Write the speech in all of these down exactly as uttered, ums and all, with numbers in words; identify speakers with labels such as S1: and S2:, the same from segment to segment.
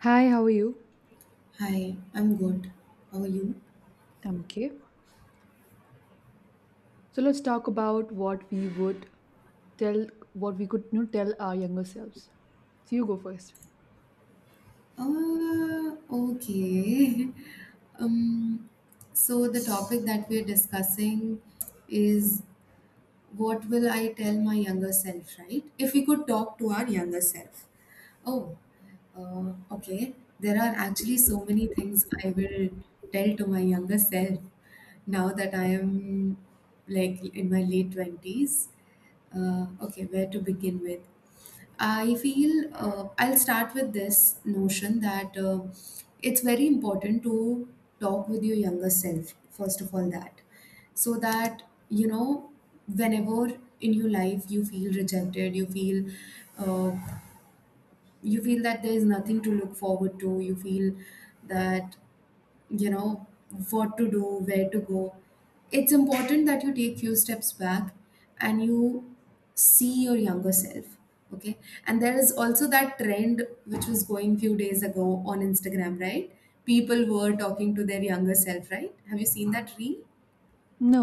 S1: Hi, how are you?
S2: Hi, I'm good. How are you?
S1: I'm okay. So let's talk about what we would tell, what we could you know, tell our younger selves. So you go first.
S2: Uh, okay. Um, so the topic that we're discussing is what will I tell my younger self, right? If we could talk to our younger self. Oh, uh, okay. There are actually so many things I will tell to my younger self now that I am like in my late twenties. Uh, okay, where to begin with? I feel uh, I'll start with this notion that uh, it's very important to talk with your younger self, first of all, that so that, you know, whenever in your life you feel rejected, you feel uh, you feel that there is nothing to look forward to, you feel that you know what to do, where to go. It's important that you take few steps back and you see your younger self. Okay. And there is also that trend which was going few days ago on Instagram, right? People were talking to their younger self, right? Have you seen that reel?
S1: No,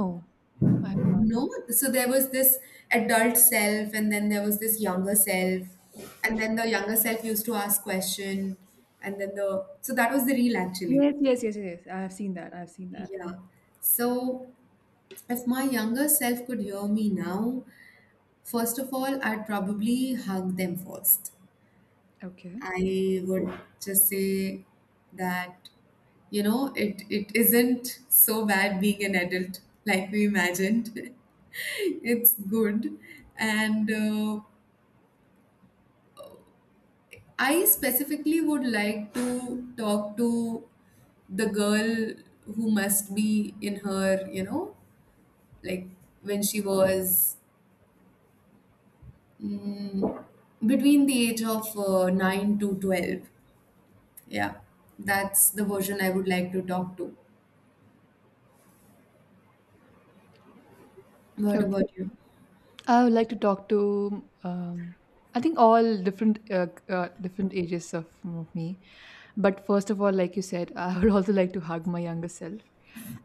S1: I have not.
S2: No, so there was this adult self, and then there was this younger self, and then the younger self used to ask question, and then the so that was the reel actually.
S1: Yes, yes, yes, yes, yes. I have seen that. I have seen that.
S2: Yeah. So if my younger self could hear me now, first of all, I'd probably hug them first.
S1: Okay.
S2: I would just say that, you know, it, it isn't so bad being an adult like we imagined. It's good. And uh, I specifically would like to talk to the girl who must be in her, you know, like when she was mm, between the age of uh, nine to twelve. Yeah, that's the version I would like to talk to. What
S1: Okay.
S2: about you?
S1: I would like to talk to, um, I think all different, uh, uh, different ages of, of me. But first of all, like you said, I would also like to hug my younger self.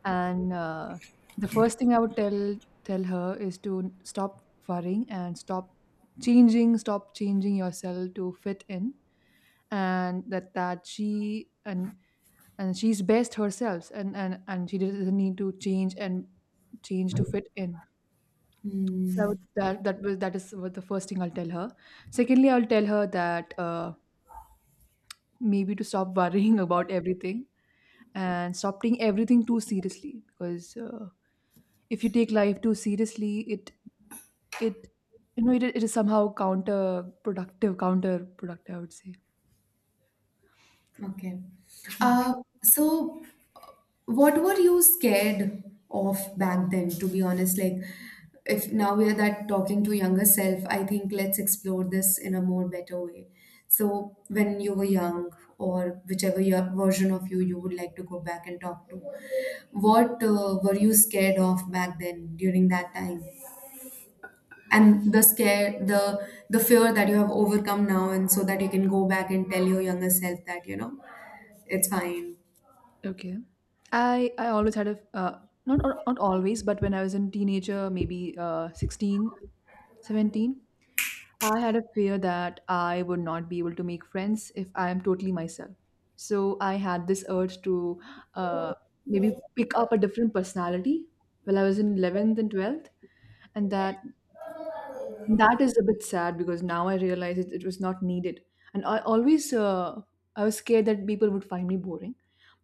S1: And uh, The first thing I would tell tell her is to stop worrying and stop changing, stop changing yourself to fit in, and that that she and and she's best herself, and and and she doesn't need to change and change to fit in. So I would, that that was that is what the first thing I'll tell her. Secondly, I'll tell her that uh, maybe to stop worrying about everything and stop taking everything too seriously because. Uh, if you take life too seriously, it it you know it, it is somehow counterproductive counterproductive I would say.
S2: Okay.
S1: Yeah.
S2: Uh, so, what were you scared of back then, to be honest? Like, if now we are that talking to younger self, I think let's explore this in a more better way. So, when you were young, or whichever your version of you you would like to go back and talk to, what uh, were you scared of back then during that time? And the scare the the fear that you have overcome now, and so that you can go back and tell your younger self that, you know, it's fine.
S1: Okay. I i always had a, uh, not not always, but when I was a teenager, maybe uh, sixteen, seventeen, I had a fear that I would not be able to make friends if I am totally myself. So I had this urge to, uh, maybe, pick up a different personality while I was in eleventh and twelfth. And that That is a bit sad because now I realize it, it was not needed. And I always, uh, I was scared that people would find me boring.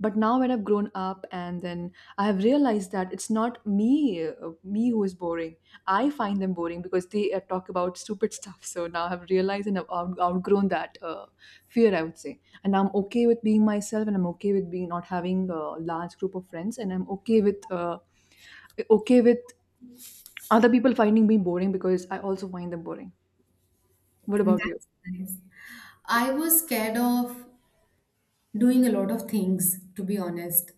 S1: But now when I've grown up and then I have realized that it's not me, uh, me who is boring. I find them boring because they uh, talk about stupid stuff. So now I've realized, and I've out- outgrown that, uh, fear, I would say. And I'm okay with being myself, and I'm okay with being not having a large group of friends, and I'm okay with, uh, okay with other people finding me boring, because I also find them boring. What about you?
S2: That's nice. I was scared of doing a lot of things, to be honest.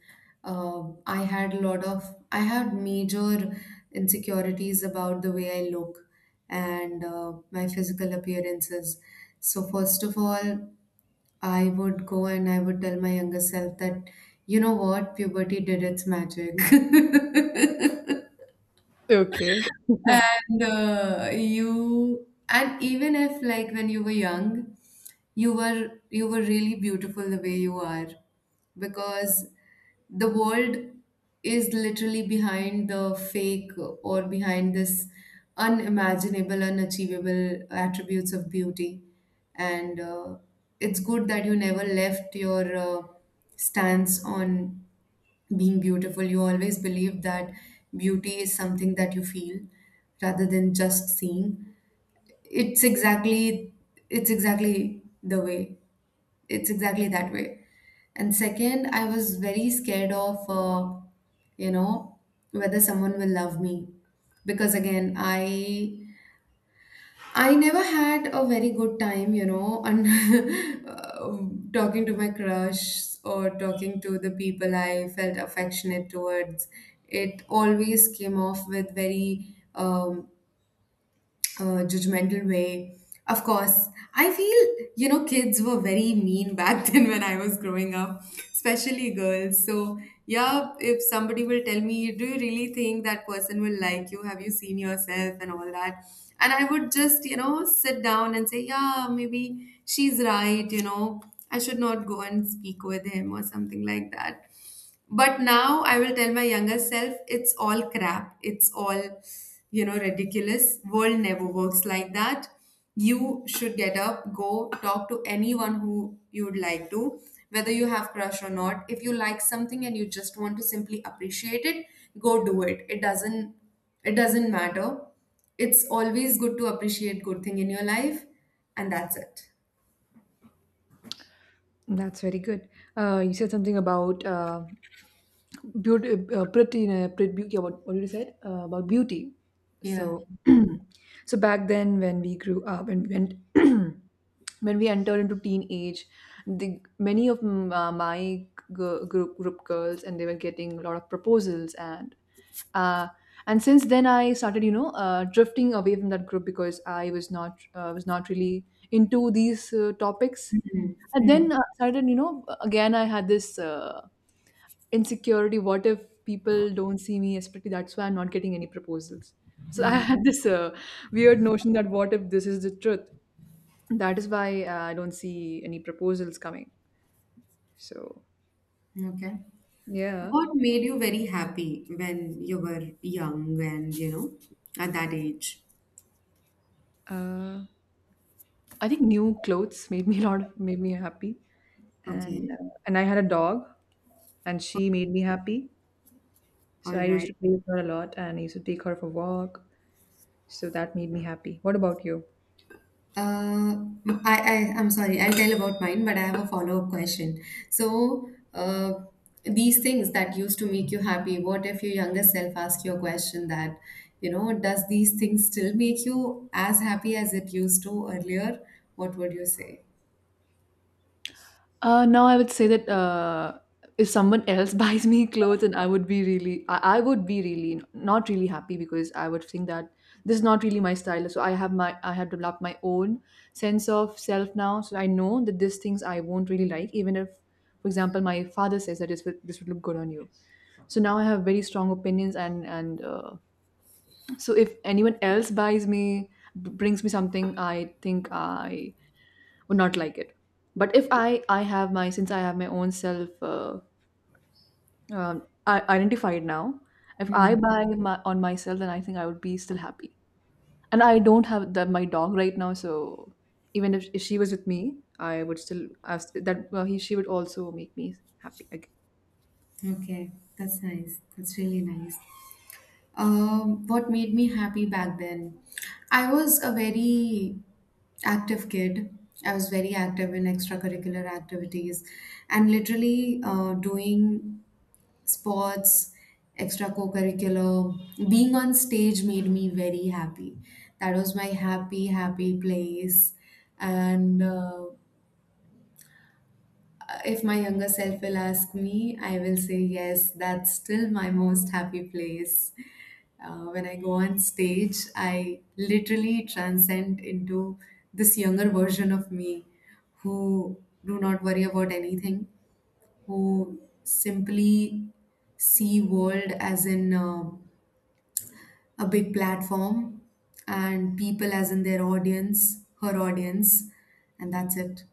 S2: uh, I had a lot of I had major insecurities about the way I look, and uh, my physical appearances. So first of all, I would go and I would tell my younger self that, you know what, puberty did its magic.
S1: Okay.
S2: And uh, you, and even if like when you were young, you were you were really beautiful the way you are, because the world is literally behind the fake or behind this unimaginable, unachievable attributes of beauty, and uh, it's good that you never left your uh, stance on being beautiful. You always believe that beauty is something that you feel rather than just seeing. It's exactly it's exactly the way. It's exactly that way. And second, I was very scared of, uh, you know, whether someone will love me, because again I I never had a very good time, you know, and um, talking to my crush or talking to the people I felt affectionate towards. It always came off with very um, uh, judgmental way. Of course, I feel, you know, kids were very mean back then when I was growing up, especially girls. So, yeah, if somebody will tell me, do you really think that person will like you? Have you seen yourself and all that? And I would just, you know, sit down and say, yeah, maybe she's right, you know, I should not go and speak with him or something like that. But now I will tell my younger self, it's all crap. It's all, you know, ridiculous. World never works like that. You should get up, go talk to anyone who you would like to, whether you have crush or not. If you like something and you just want to simply appreciate it, go do it. It doesn't it doesn't matter. It's always good to appreciate good thing in your life, and that's it.
S1: That's very good. Uh, you said something about uh, beauty, uh, uh, pretty, uh, pretty beauty. About what did you said uh, about beauty?
S2: Yeah.
S1: So, so back then, when we grew up, and when when we entered into teenage, the many of m- uh, my g- group group girls, and they were getting a lot of proposals. And uh, and since then I started, you know uh, drifting away from that group, because I was not uh, was not really into these, uh, topics. And
S2: Hmm.
S1: then uh, started, you know, again, I had this, uh, insecurity, what if people don't see me, especially that's why I'm not getting any proposals. So I had this uh, weird notion, that what if this is the truth? That is why uh, I don't see any proposals coming. So,
S2: Okay.
S1: yeah.
S2: What made you very happy when you were young and, you know, at that age?
S1: Uh, I think new clothes made me a lot, made me happy.
S2: Okay,
S1: And, uh, and I had a dog, and she made me happy. So
S2: all
S1: I used
S2: right.
S1: to play with her a lot, and I used to take her for walk. So that made me happy. What about you?
S2: Uh, I, I, I'm sorry, I'll tell about mine, but I have a follow-up question. So, uh, these things that used to make you happy, what if your younger self asked you a question that, you know, does these things still make you as happy as it used to earlier? What would you say?
S1: Uh, no, I would say that, uh, if someone else buys me clothes, and I would be really, I, I would be really n- not really happy, because I would think that this is not really my style. So I have my, I have developed my own sense of self now. So I know that these things I won't really like, even if, for example, my father says that this will, this would look good on you. So now I have very strong opinions, and and uh, so if anyone else buys me, b- brings me something, I think I would not like it. But if i i have my since I have my own self, uh, um, I- identified now, if I
S2: Hmm.
S1: buy, my, on myself, then I think I would be still happy. And I don't have the, my dog right now, so even if, if she was with me, I would still ask that, well, he, she would also make me happy again.
S2: Okay, that's nice. That's really nice. Um, what made me happy back then? I was a very active kid. I was very active in extracurricular activities and literally uh, doing sports, extracurricular. Being on stage made me very happy. That was my happy, happy place. And uh, if my younger self will ask me, I will say, yes, that's still my most happy place. Uh, when I go on stage, I literally transcend into this younger version of me who do not worry about anything, who simply see world as in uh, a big platform, and people as in their audience, her audience, and that's it.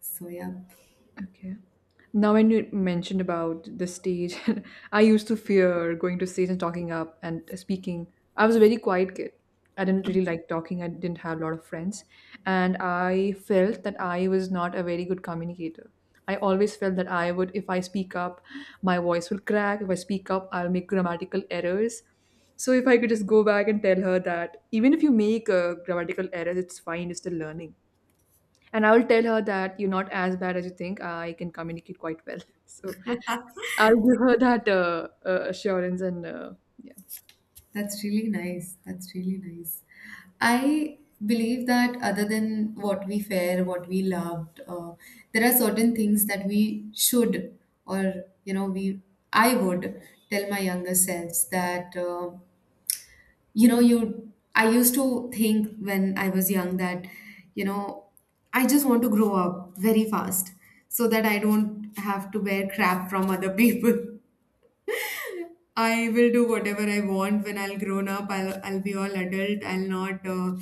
S2: So yeah.
S1: Okay. Now, when you mentioned about the stage, I used to fear going to stage and talking up and speaking. I was a very quiet kid. I didn't really like talking. I didn't have a lot of friends, and I felt that I was not a very good communicator. I always felt that I would, if I speak up, my voice will crack. If I speak up, I'll make grammatical errors. So if I could just go back and tell her that even if you make, uh, grammatical errors, it's fine. It's still learning, and I will tell her that you're not as bad as you think. I can communicate quite well. So I'll give her that, uh, uh, assurance, and, uh, yeah.
S2: That's really nice. That's really nice. I believe that other than what we fare, what we loved, uh, there are certain things that we should, or, you know, we I would tell my younger selves that, uh, you know you. I used to think when I was young that, you know, I just want to grow up very fast so that I don't have to wear crap from other people. I will do whatever I want when I'll grown up. I'll, I'll be all adult. I'll not, uh,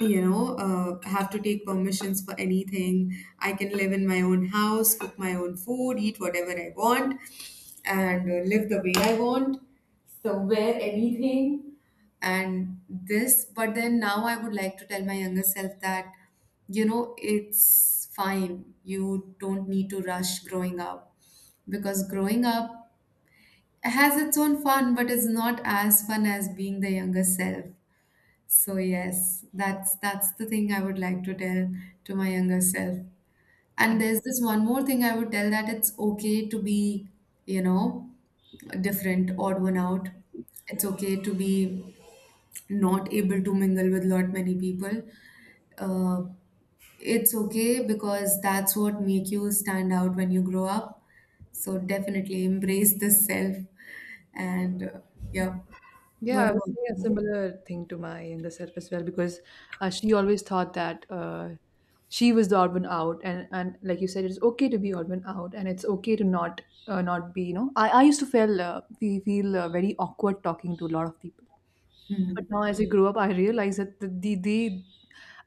S2: you know, uh, have to take permissions for anything. I can live in my own house, cook my own food, eat whatever I want, and uh, live the way I want. So wear anything, and this. But then now I would like to tell my younger self that, you know, it's fine. You don't need to rush growing up, because growing up has its own fun, but is not as fun as being the younger self. So yes, that's that's the thing I would like to tell to my younger self. And
S1: And
S2: there's this one more thing I would tell, that it's okay to be, you know, different, odd one out. It's okay to be not able to mingle with lot many people. Uh, it's okay, because that's what make you stand out when you grow up. So definitely embrace this self. And uh, yeah,
S1: yeah,
S2: what
S1: I
S2: about
S1: was saying a
S2: you?
S1: similar thing to my younger self as well, because uh, she always thought that uh, she was the odd one out, and and like you said, it's okay to be odd one out, and it's okay to not uh, not be. You know, I, I used to feel uh, fe- feel uh, very awkward talking to a lot of people. But now as I grew up, I realized that the, the they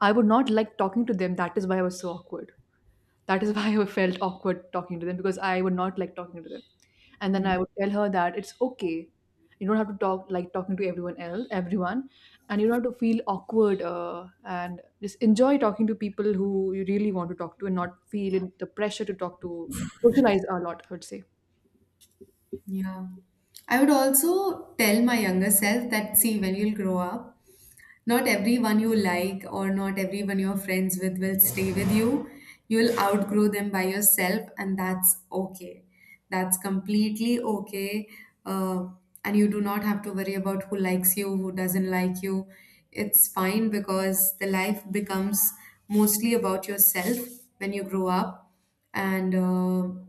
S1: I would not like talking to them. That is why I was so awkward. That is why I felt awkward talking to them, because I would not like talking to them. And then
S2: Hmm.
S1: I would tell her that it's okay. You don't have to talk like talking to everyone else, everyone, and you don't have to feel awkward. Uh, and just enjoy talking to people who you really want to talk to, and not feel in- the pressure to talk to socialize a lot, I would say.
S2: Yeah. I would also tell my younger self that, see, when you'll grow up, not everyone you like or not everyone you're friends with will stay with you. You'll outgrow them by yourself, and that's okay. That's completely okay. Uh, and you do not have to worry about who likes you, who doesn't like you. It's fine, because the life becomes mostly about yourself when you grow up. And uh,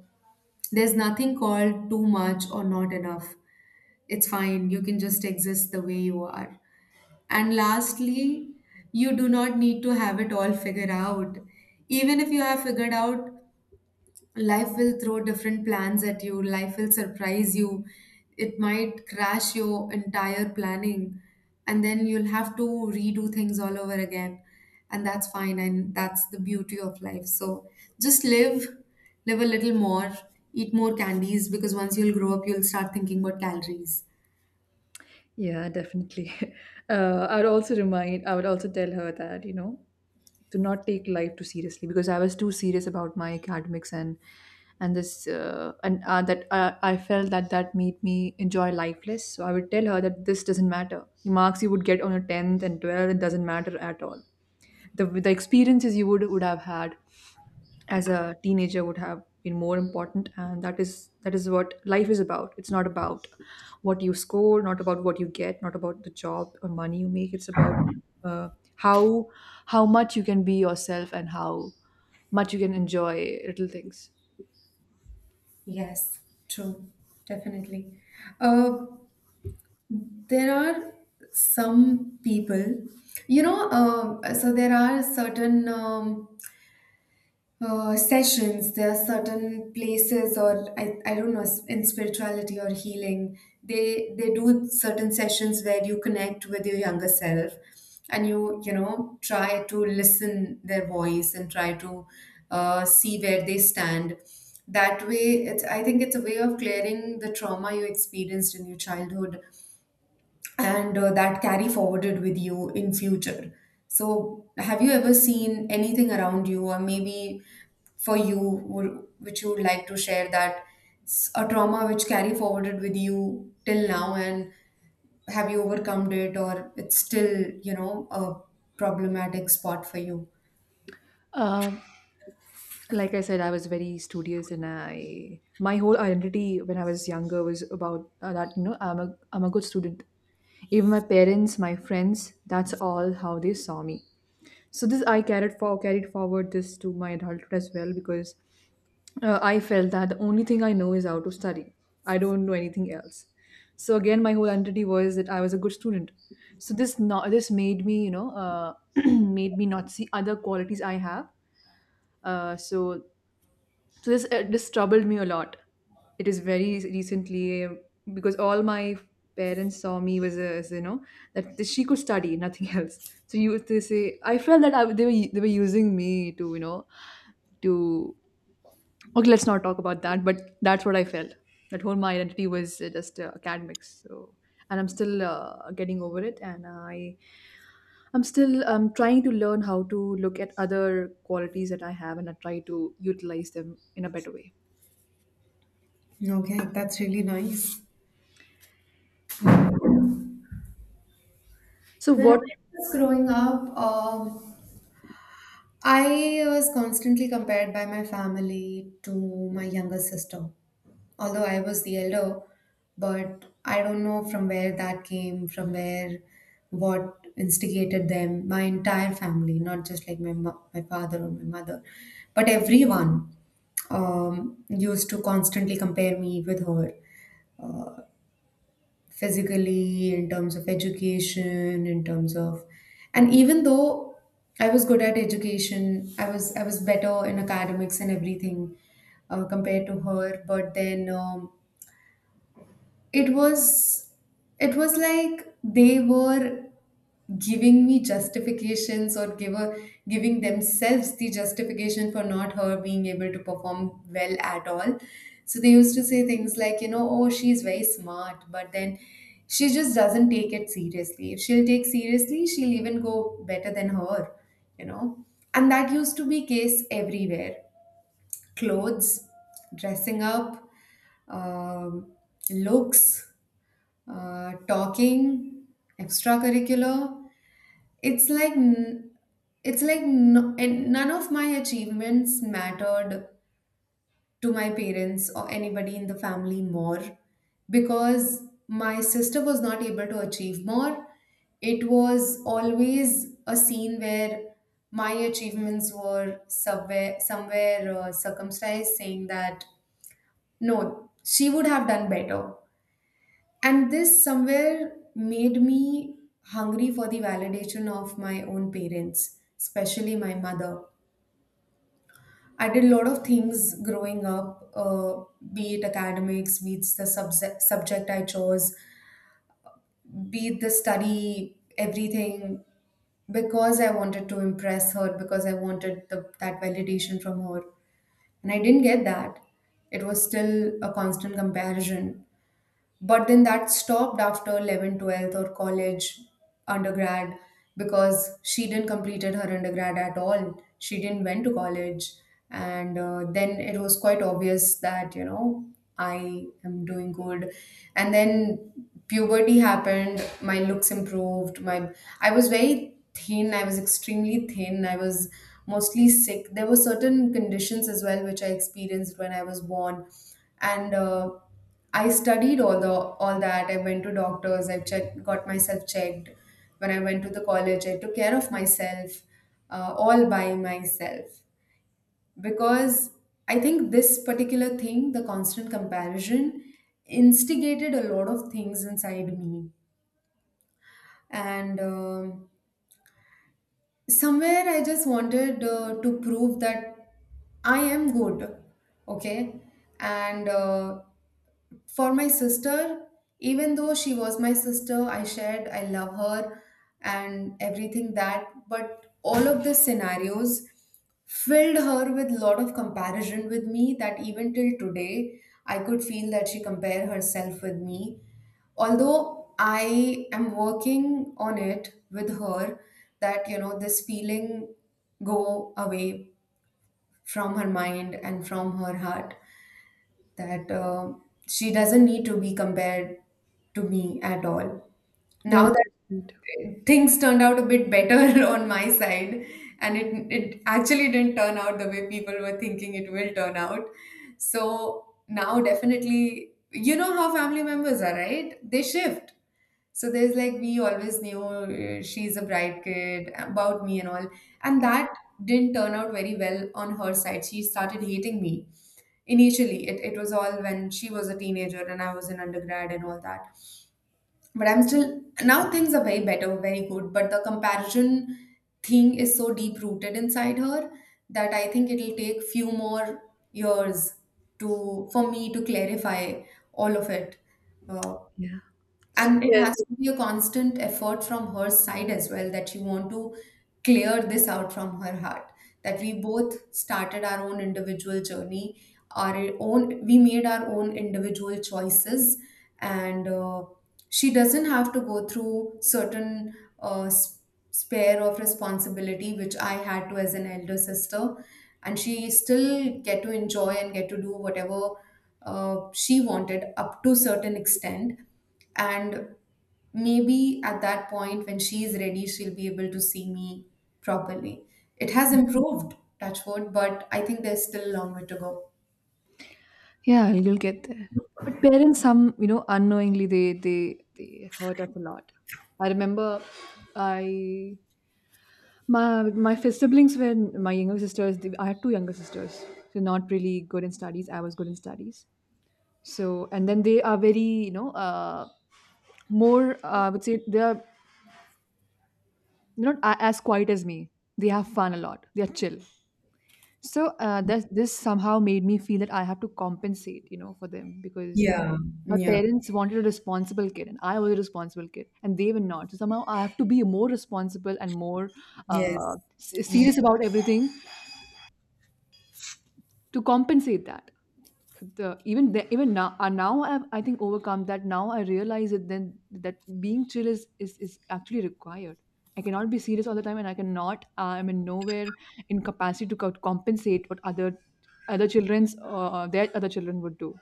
S2: there's nothing called too much or not enough. It's fine. You can just exist the way you are. And lastly, you do not need to have it all figured out. Even if you have figured out, life will throw different plans at you, life will surprise you, it might crash your entire planning, and then you'll have to redo things all over again. And that's fine, and that's the beauty of life. So just live, live a little more, eat more candies because once you'll grow up, you'll start thinking about calories.
S1: Yeah, definitely. Uh, I would also remind, I would also tell her that, you know, to not take life too seriously, because I was too serious about my academics, and and this, uh, and uh, that uh, I felt that that made me enjoy life less. So I would tell her that this doesn't matter. The marks you would get on your tenth and twelfth, it doesn't matter at all. The the experiences you would would have had as a teenager would have been more important. And that is that is what life is about. It's not about what you score, not about what you get, not about the job or money you make. It's about, uh, how how much you can be yourself, and how much you can enjoy little things.
S2: Yes, true, definitely. Uh, there are some people, you know, um, so there are certain um, uh, sessions, there are certain places, or I, I don't know, s- in spirituality or healing, they they do certain sessions where you connect with your younger self and you, you know, try to listen their voice and try to uh, see where they stand. That way, it's I think it's a way of clearing the trauma you experienced in your childhood, and uh, that carry forwarded with you in future. So have you ever seen anything around you, or maybe for you would, which you would like to share, that s- a trauma which carry forwarded with you till now, and have you overcome it, or it's still, you know, a problematic spot for you?
S1: um, like I said, I was very studious, and I my whole identity when I was younger was about, uh, that you know i'm a i'm a good student. Even my parents, my friends, that's all how they saw me. So this I carried for carried forward this to my adulthood as well, because uh, I felt that the only thing I know is how to study. I don't know anything else. So again, my whole identity was that I was a good student. So this, not this, made me, you know uh, made me not see other qualities I have. Uh, so so this uh, this troubled me a lot. It is very recently, uh, because all my parents saw me was a, as you know, that she could study nothing else. So you they say, I felt that, I, they were they were using me to you know to okay, let's not talk about that. But that's what I felt. That whole my identity was, uh, just, uh, academics. So, and I'm still, uh, getting over it, and I I'm still, um, trying to learn how to look at other qualities that I have, and I try to utilize them in a better way.
S2: Okay, that's really nice.
S1: Yeah. So
S2: When I
S1: what
S2: was growing up, um I was constantly compared by my family to my younger sister, although I was the elder, but I don't know from where that came, from where what instigated them, my entire family, not just like my, mo- my father or my mother, but everyone um, used to constantly compare me with her physically, in terms of education, in terms of, and even though I was good at education, I was I was better in academics and everything uh, compared to her. But then um, it was it was like they were giving me justifications or give a, giving themselves the justification for not her being able to perform well at all, so they used to say things like, you know, oh, she's very smart, but then she just doesn't take it seriously. If she'll take seriously, she'll even go better than her, you know and that used to be case everywhere: clothes, dressing up, um, looks, uh, talking, extracurricular. it's like n- it's like no, and none of my achievements mattered to my parents or anybody in the family more because my sister was not able to achieve more. It was always a scene where my achievements were somewhere somewhere uh, circumcised, saying that no, she would have done better. And this somewhere made me hungry for the validation of my own parents, especially my mother. I did a lot of things growing up, uh, be it academics, be it the subse- subject I chose, be it the study, everything, because I wanted to impress her, because I wanted the, that validation from her. And I didn't get that. It was still a constant comparison, but then that stopped after eleventh, twelfth, or college, undergrad, because she didn't completed her undergrad at all, she didn't went to college. And uh, then it was quite obvious that, you know, I am doing good. And then puberty happened, my looks improved, my i was very thin i was extremely thin, I was mostly sick, there were certain conditions as well which I experienced when I was born. And uh, I studied all the all that. I went to doctors. I checked, got myself checked. When I went to the college, I took care of myself, uh, all by myself. Because I think this particular thing, the constant comparison, instigated a lot of things inside me. And um somewhere, I just wanted uh, to prove that I am good. Okay, and. Uh, For my sister, even though she was my sister, I shared, I love her and everything that, but all of the scenarios filled her with lot of comparison with me, that even till today I could feel that she compare herself with me. Although I am working on it with her, that you know this feeling go away from her mind and from her heart, that uh, she doesn't need to be compared to me at all.
S1: That
S2: Now
S1: is
S2: that
S1: so sweet.
S2: things turned out a bit better on my side, and it it actually didn't turn out the way people were thinking it will turn out. So now definitely, you know how family members are, right? They shift. So there's like we always knew uh, she's a bright kid about me and all, and that didn't turn out very well on her side. She started hating me. Initially, it, it was all when she was a teenager and I was in undergrad and all that. But I'm still, now things are very better, very good. But the comparison thing is so deep rooted inside her that I think it'll take few more years to for me to clarify all of it. Uh,
S1: Yeah. So
S2: and it
S1: par-
S2: has to be a constant effort from her side as well, that she want to clear this out from her heart. That we both started our own individual journey, our own we made our own individual choices, and uh, she doesn't have to go through certain uh, s- spare of responsibility which I had to as an elder sister, and she still get to enjoy and get to do whatever uh, she wanted up to certain extent. And maybe at that point when she is ready, she'll be able to see me properly. It has improved, touch wood, but I think there's still a long way to go.
S1: yeah, you'll get there. But parents, some, you know, unknowingly, they they they hurt us a lot. I remember, I my my siblings were my younger sisters, they- I had two younger sisters, so not really good in studies. I was good in studies. So, and then they are very, you know uh, more, uh, I would say, they are not a- as quiet as me. They have fun a lot. They are chill. So, uh, that this somehow made me feel that I have to compensate, you know, for them, because uh,
S2: Yeah,
S1: my
S2: yeah,
S1: parents wanted a responsible kid, and I was a responsible kid, and they were not. So somehow I have to be more responsible and more, uh,
S2: yes,
S1: s-
S2: yes.
S1: serious about everything, to compensate that. The even the, even now, uh, now I've, I think, overcome that. Now I realize it then that being chill is is is actually required. I cannot be serious all the time, and I cannot. Uh, I'm in nowhere in capacity to co- compensate what other other children's, uh, their other children would do.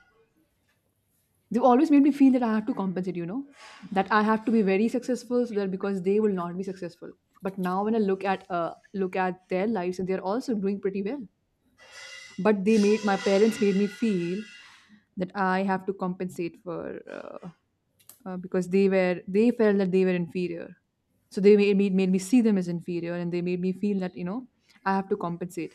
S1: They've always made me feel that I have to compensate. You know, that I have to be very successful, so that because they will not be successful. But now when I look at, uh, look at their lives, and they're also doing pretty well, but they made my parents made me feel that I have to compensate for, uh, uh, because they were they felt that they were inferior. So they made me, made me see them as inferior. And they made me feel that, you know I have to compensate.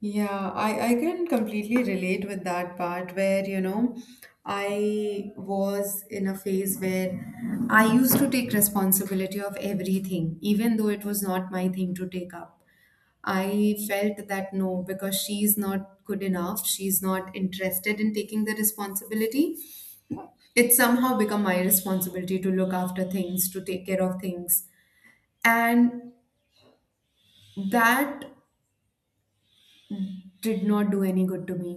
S2: Yeah, I, I can completely relate with that part where, you know, I was in a phase where I used to take responsibility of everything, even though it was not my thing to take up. I felt that no, because she's not good enough, she's not interested in taking the responsibility. It's somehow become my responsibility to look after things, to take care of things. And that did not do any good to me.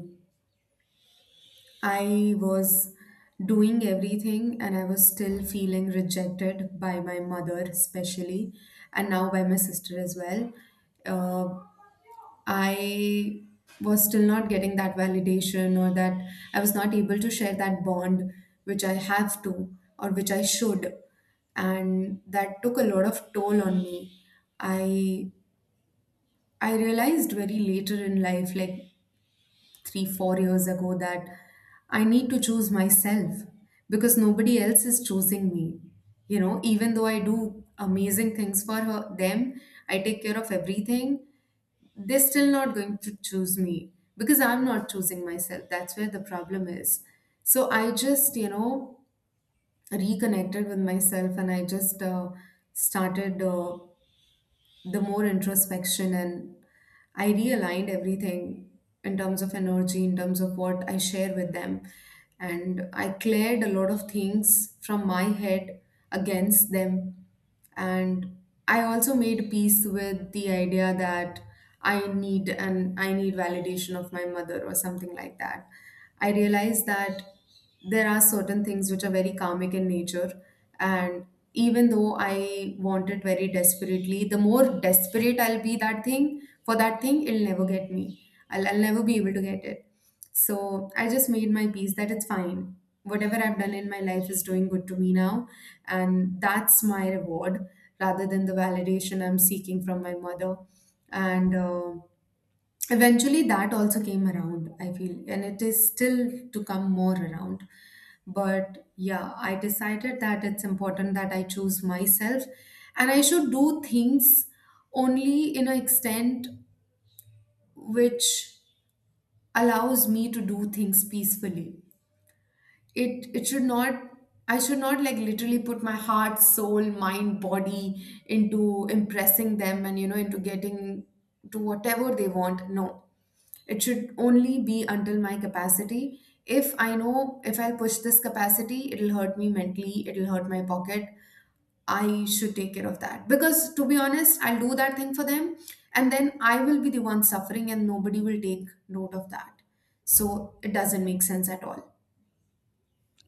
S2: I was doing everything and I was still feeling rejected by my mother, especially, and now by my sister as well. Uh, I was still not getting that validation, or that I was not able to share that bond which I have to or which I should. And that took a lot of toll on me. I I realized very later in life, like three, four years ago, that I need to choose myself because nobody else is choosing me. You know, even though I do amazing things for her, them, I take care of everything, they're still not going to choose me because I'm not choosing myself. That's where the problem is. So I just, you know, reconnected with myself and I just uh, started uh, the more introspection, and I realigned everything in terms of energy, in terms of what I share with them. And I cleared a lot of things from my head against them. And I also made peace with the idea that I need and I need validation of my mother or something like that. I realized that there are certain things which are very karmic in nature, and even though I want it very desperately, the more desperate I'll be that thing for that thing, it'll never get me, i'll, I'll never be able to get it. So I just made my peace that it's fine, whatever I've done in my life is doing good to me now, and that's my reward, rather than the validation I'm seeking from my mother. And uh, eventually that also came around, I feel, and it is still to come more around. But yeah, I decided that it's important that I choose myself, and I should do things only in an extent which allows me to do things peacefully. it it should not I should not like literally put my heart, soul, mind, body into impressing them and you know into getting to whatever they want. No. It should only be until my capacity. If I know if I push this capacity, it'll hurt me mentally, it'll hurt my pocket. I should take care of that. Because to be honest, I'll do that thing for them and then I will be the one suffering and nobody will take note of that. So it doesn't make sense at all.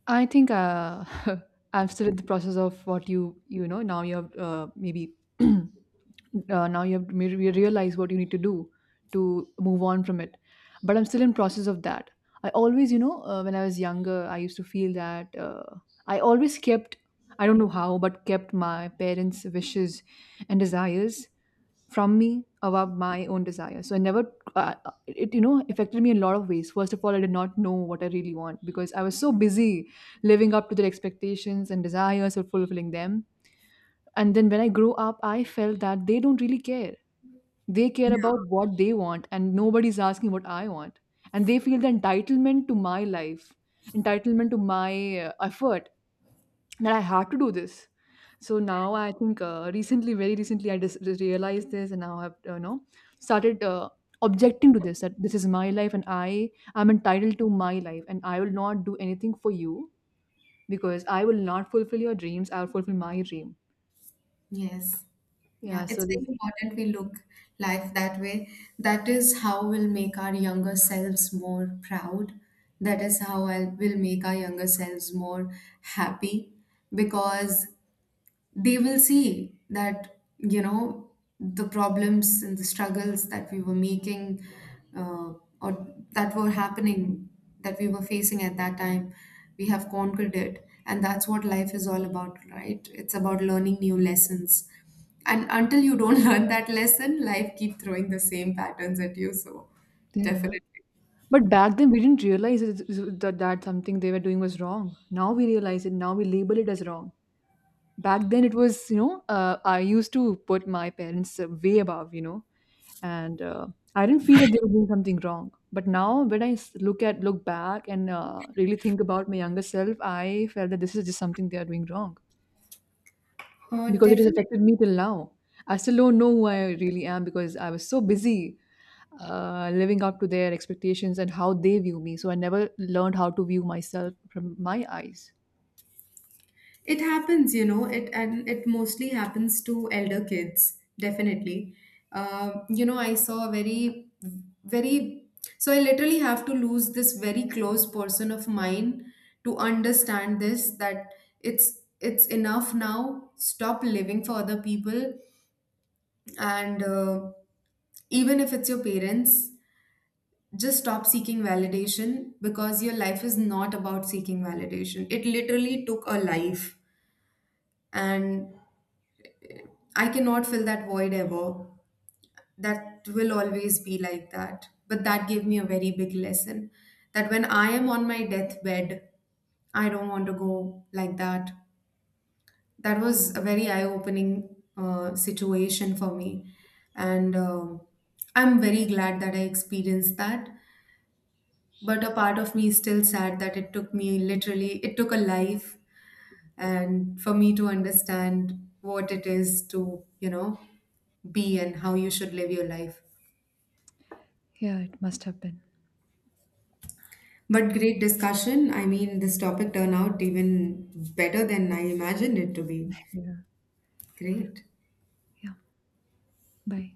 S1: I think, uh, I'm still in the process of what you you know now you have, uh, maybe uh, now you have to maybe realize what you need to do to move on from it. But I'm still in process of that. I always, you know uh, when I was younger, I used to feel that, uh, I always kept, I don't know how, but kept my parents' wishes and desires from me above my own desire. So I never, uh, it, you know, affected me in a lot of ways. First of all, I did not know what I really want, because I was so busy living up to their expectations and desires, or fulfilling them. And then when I grew up, I felt that they don't really care. They care about what they want, and nobody's asking what I want. And they feel the entitlement to my life, entitlement to my, uh, effort, that I had to do this. So now I think, uh, recently, very recently, I just, just realized this, and now I've, you know started, uh, objecting to this, that this is my life, and I am entitled to my life, and I will not do anything for you, because I will not fulfill your dreams. I will fulfill my dream.
S2: Yes. Yeah,
S1: Yeah.
S2: it's
S1: So this,
S2: very important we look life that way. That is how we'll make our younger selves more proud. That is how I will make our younger selves more happy, because they will see that, you know, the problems and the struggles that we were making, uh, or that were happening, that we were facing at that time, we have conquered it. And that's what life is all about, right? It's about learning new lessons, and until you don't learn that lesson, life keep throwing the same patterns at you. So
S1: yeah.
S2: definitely.
S1: But back then, we didn't realize it- it- that that something they were doing was wrong. Now we realize it. Now we label it as wrong. Back then, it was, you know uh, I used to put my parents, uh, way above, you know and, uh, I didn't feel that they were doing something wrong. But now when I s- look at look back and, uh, really think about my younger self, I felt that this is just something they are doing wrong,
S2: Uh,
S1: because it has
S2: definitely.
S1: affected me till now. I still don't know who I really am, because I was so busy, uh, living up to their expectations and how they view me, so I never learned how to view myself from my eyes.
S2: It happens, you know, it and it mostly happens to elder kids, definitely. Uh, you know, I saw a very, very, so I literally have to lose this very close person of mine to understand this, that it's it's enough now. Stop living for other people, and uh, even if it's your parents, just stop seeking validation because your life is not about seeking validation. It literally took a life, and I cannot fill that void ever. That will always be like that. But that gave me a very big lesson, that when I am on my deathbed, I don't want to go like that. That was a very eye opening uh, situation for me. And um I'm very glad that I experienced that. But a part of me is still sad that it took me literally, it took a life, and for me to understand what it is to, you know, be and how you should live your life.
S1: Yeah, it must have been.
S2: But great discussion. I mean, this topic turned out even better than I imagined it to be.
S1: Yeah.
S2: Great.
S1: Yeah. Bye.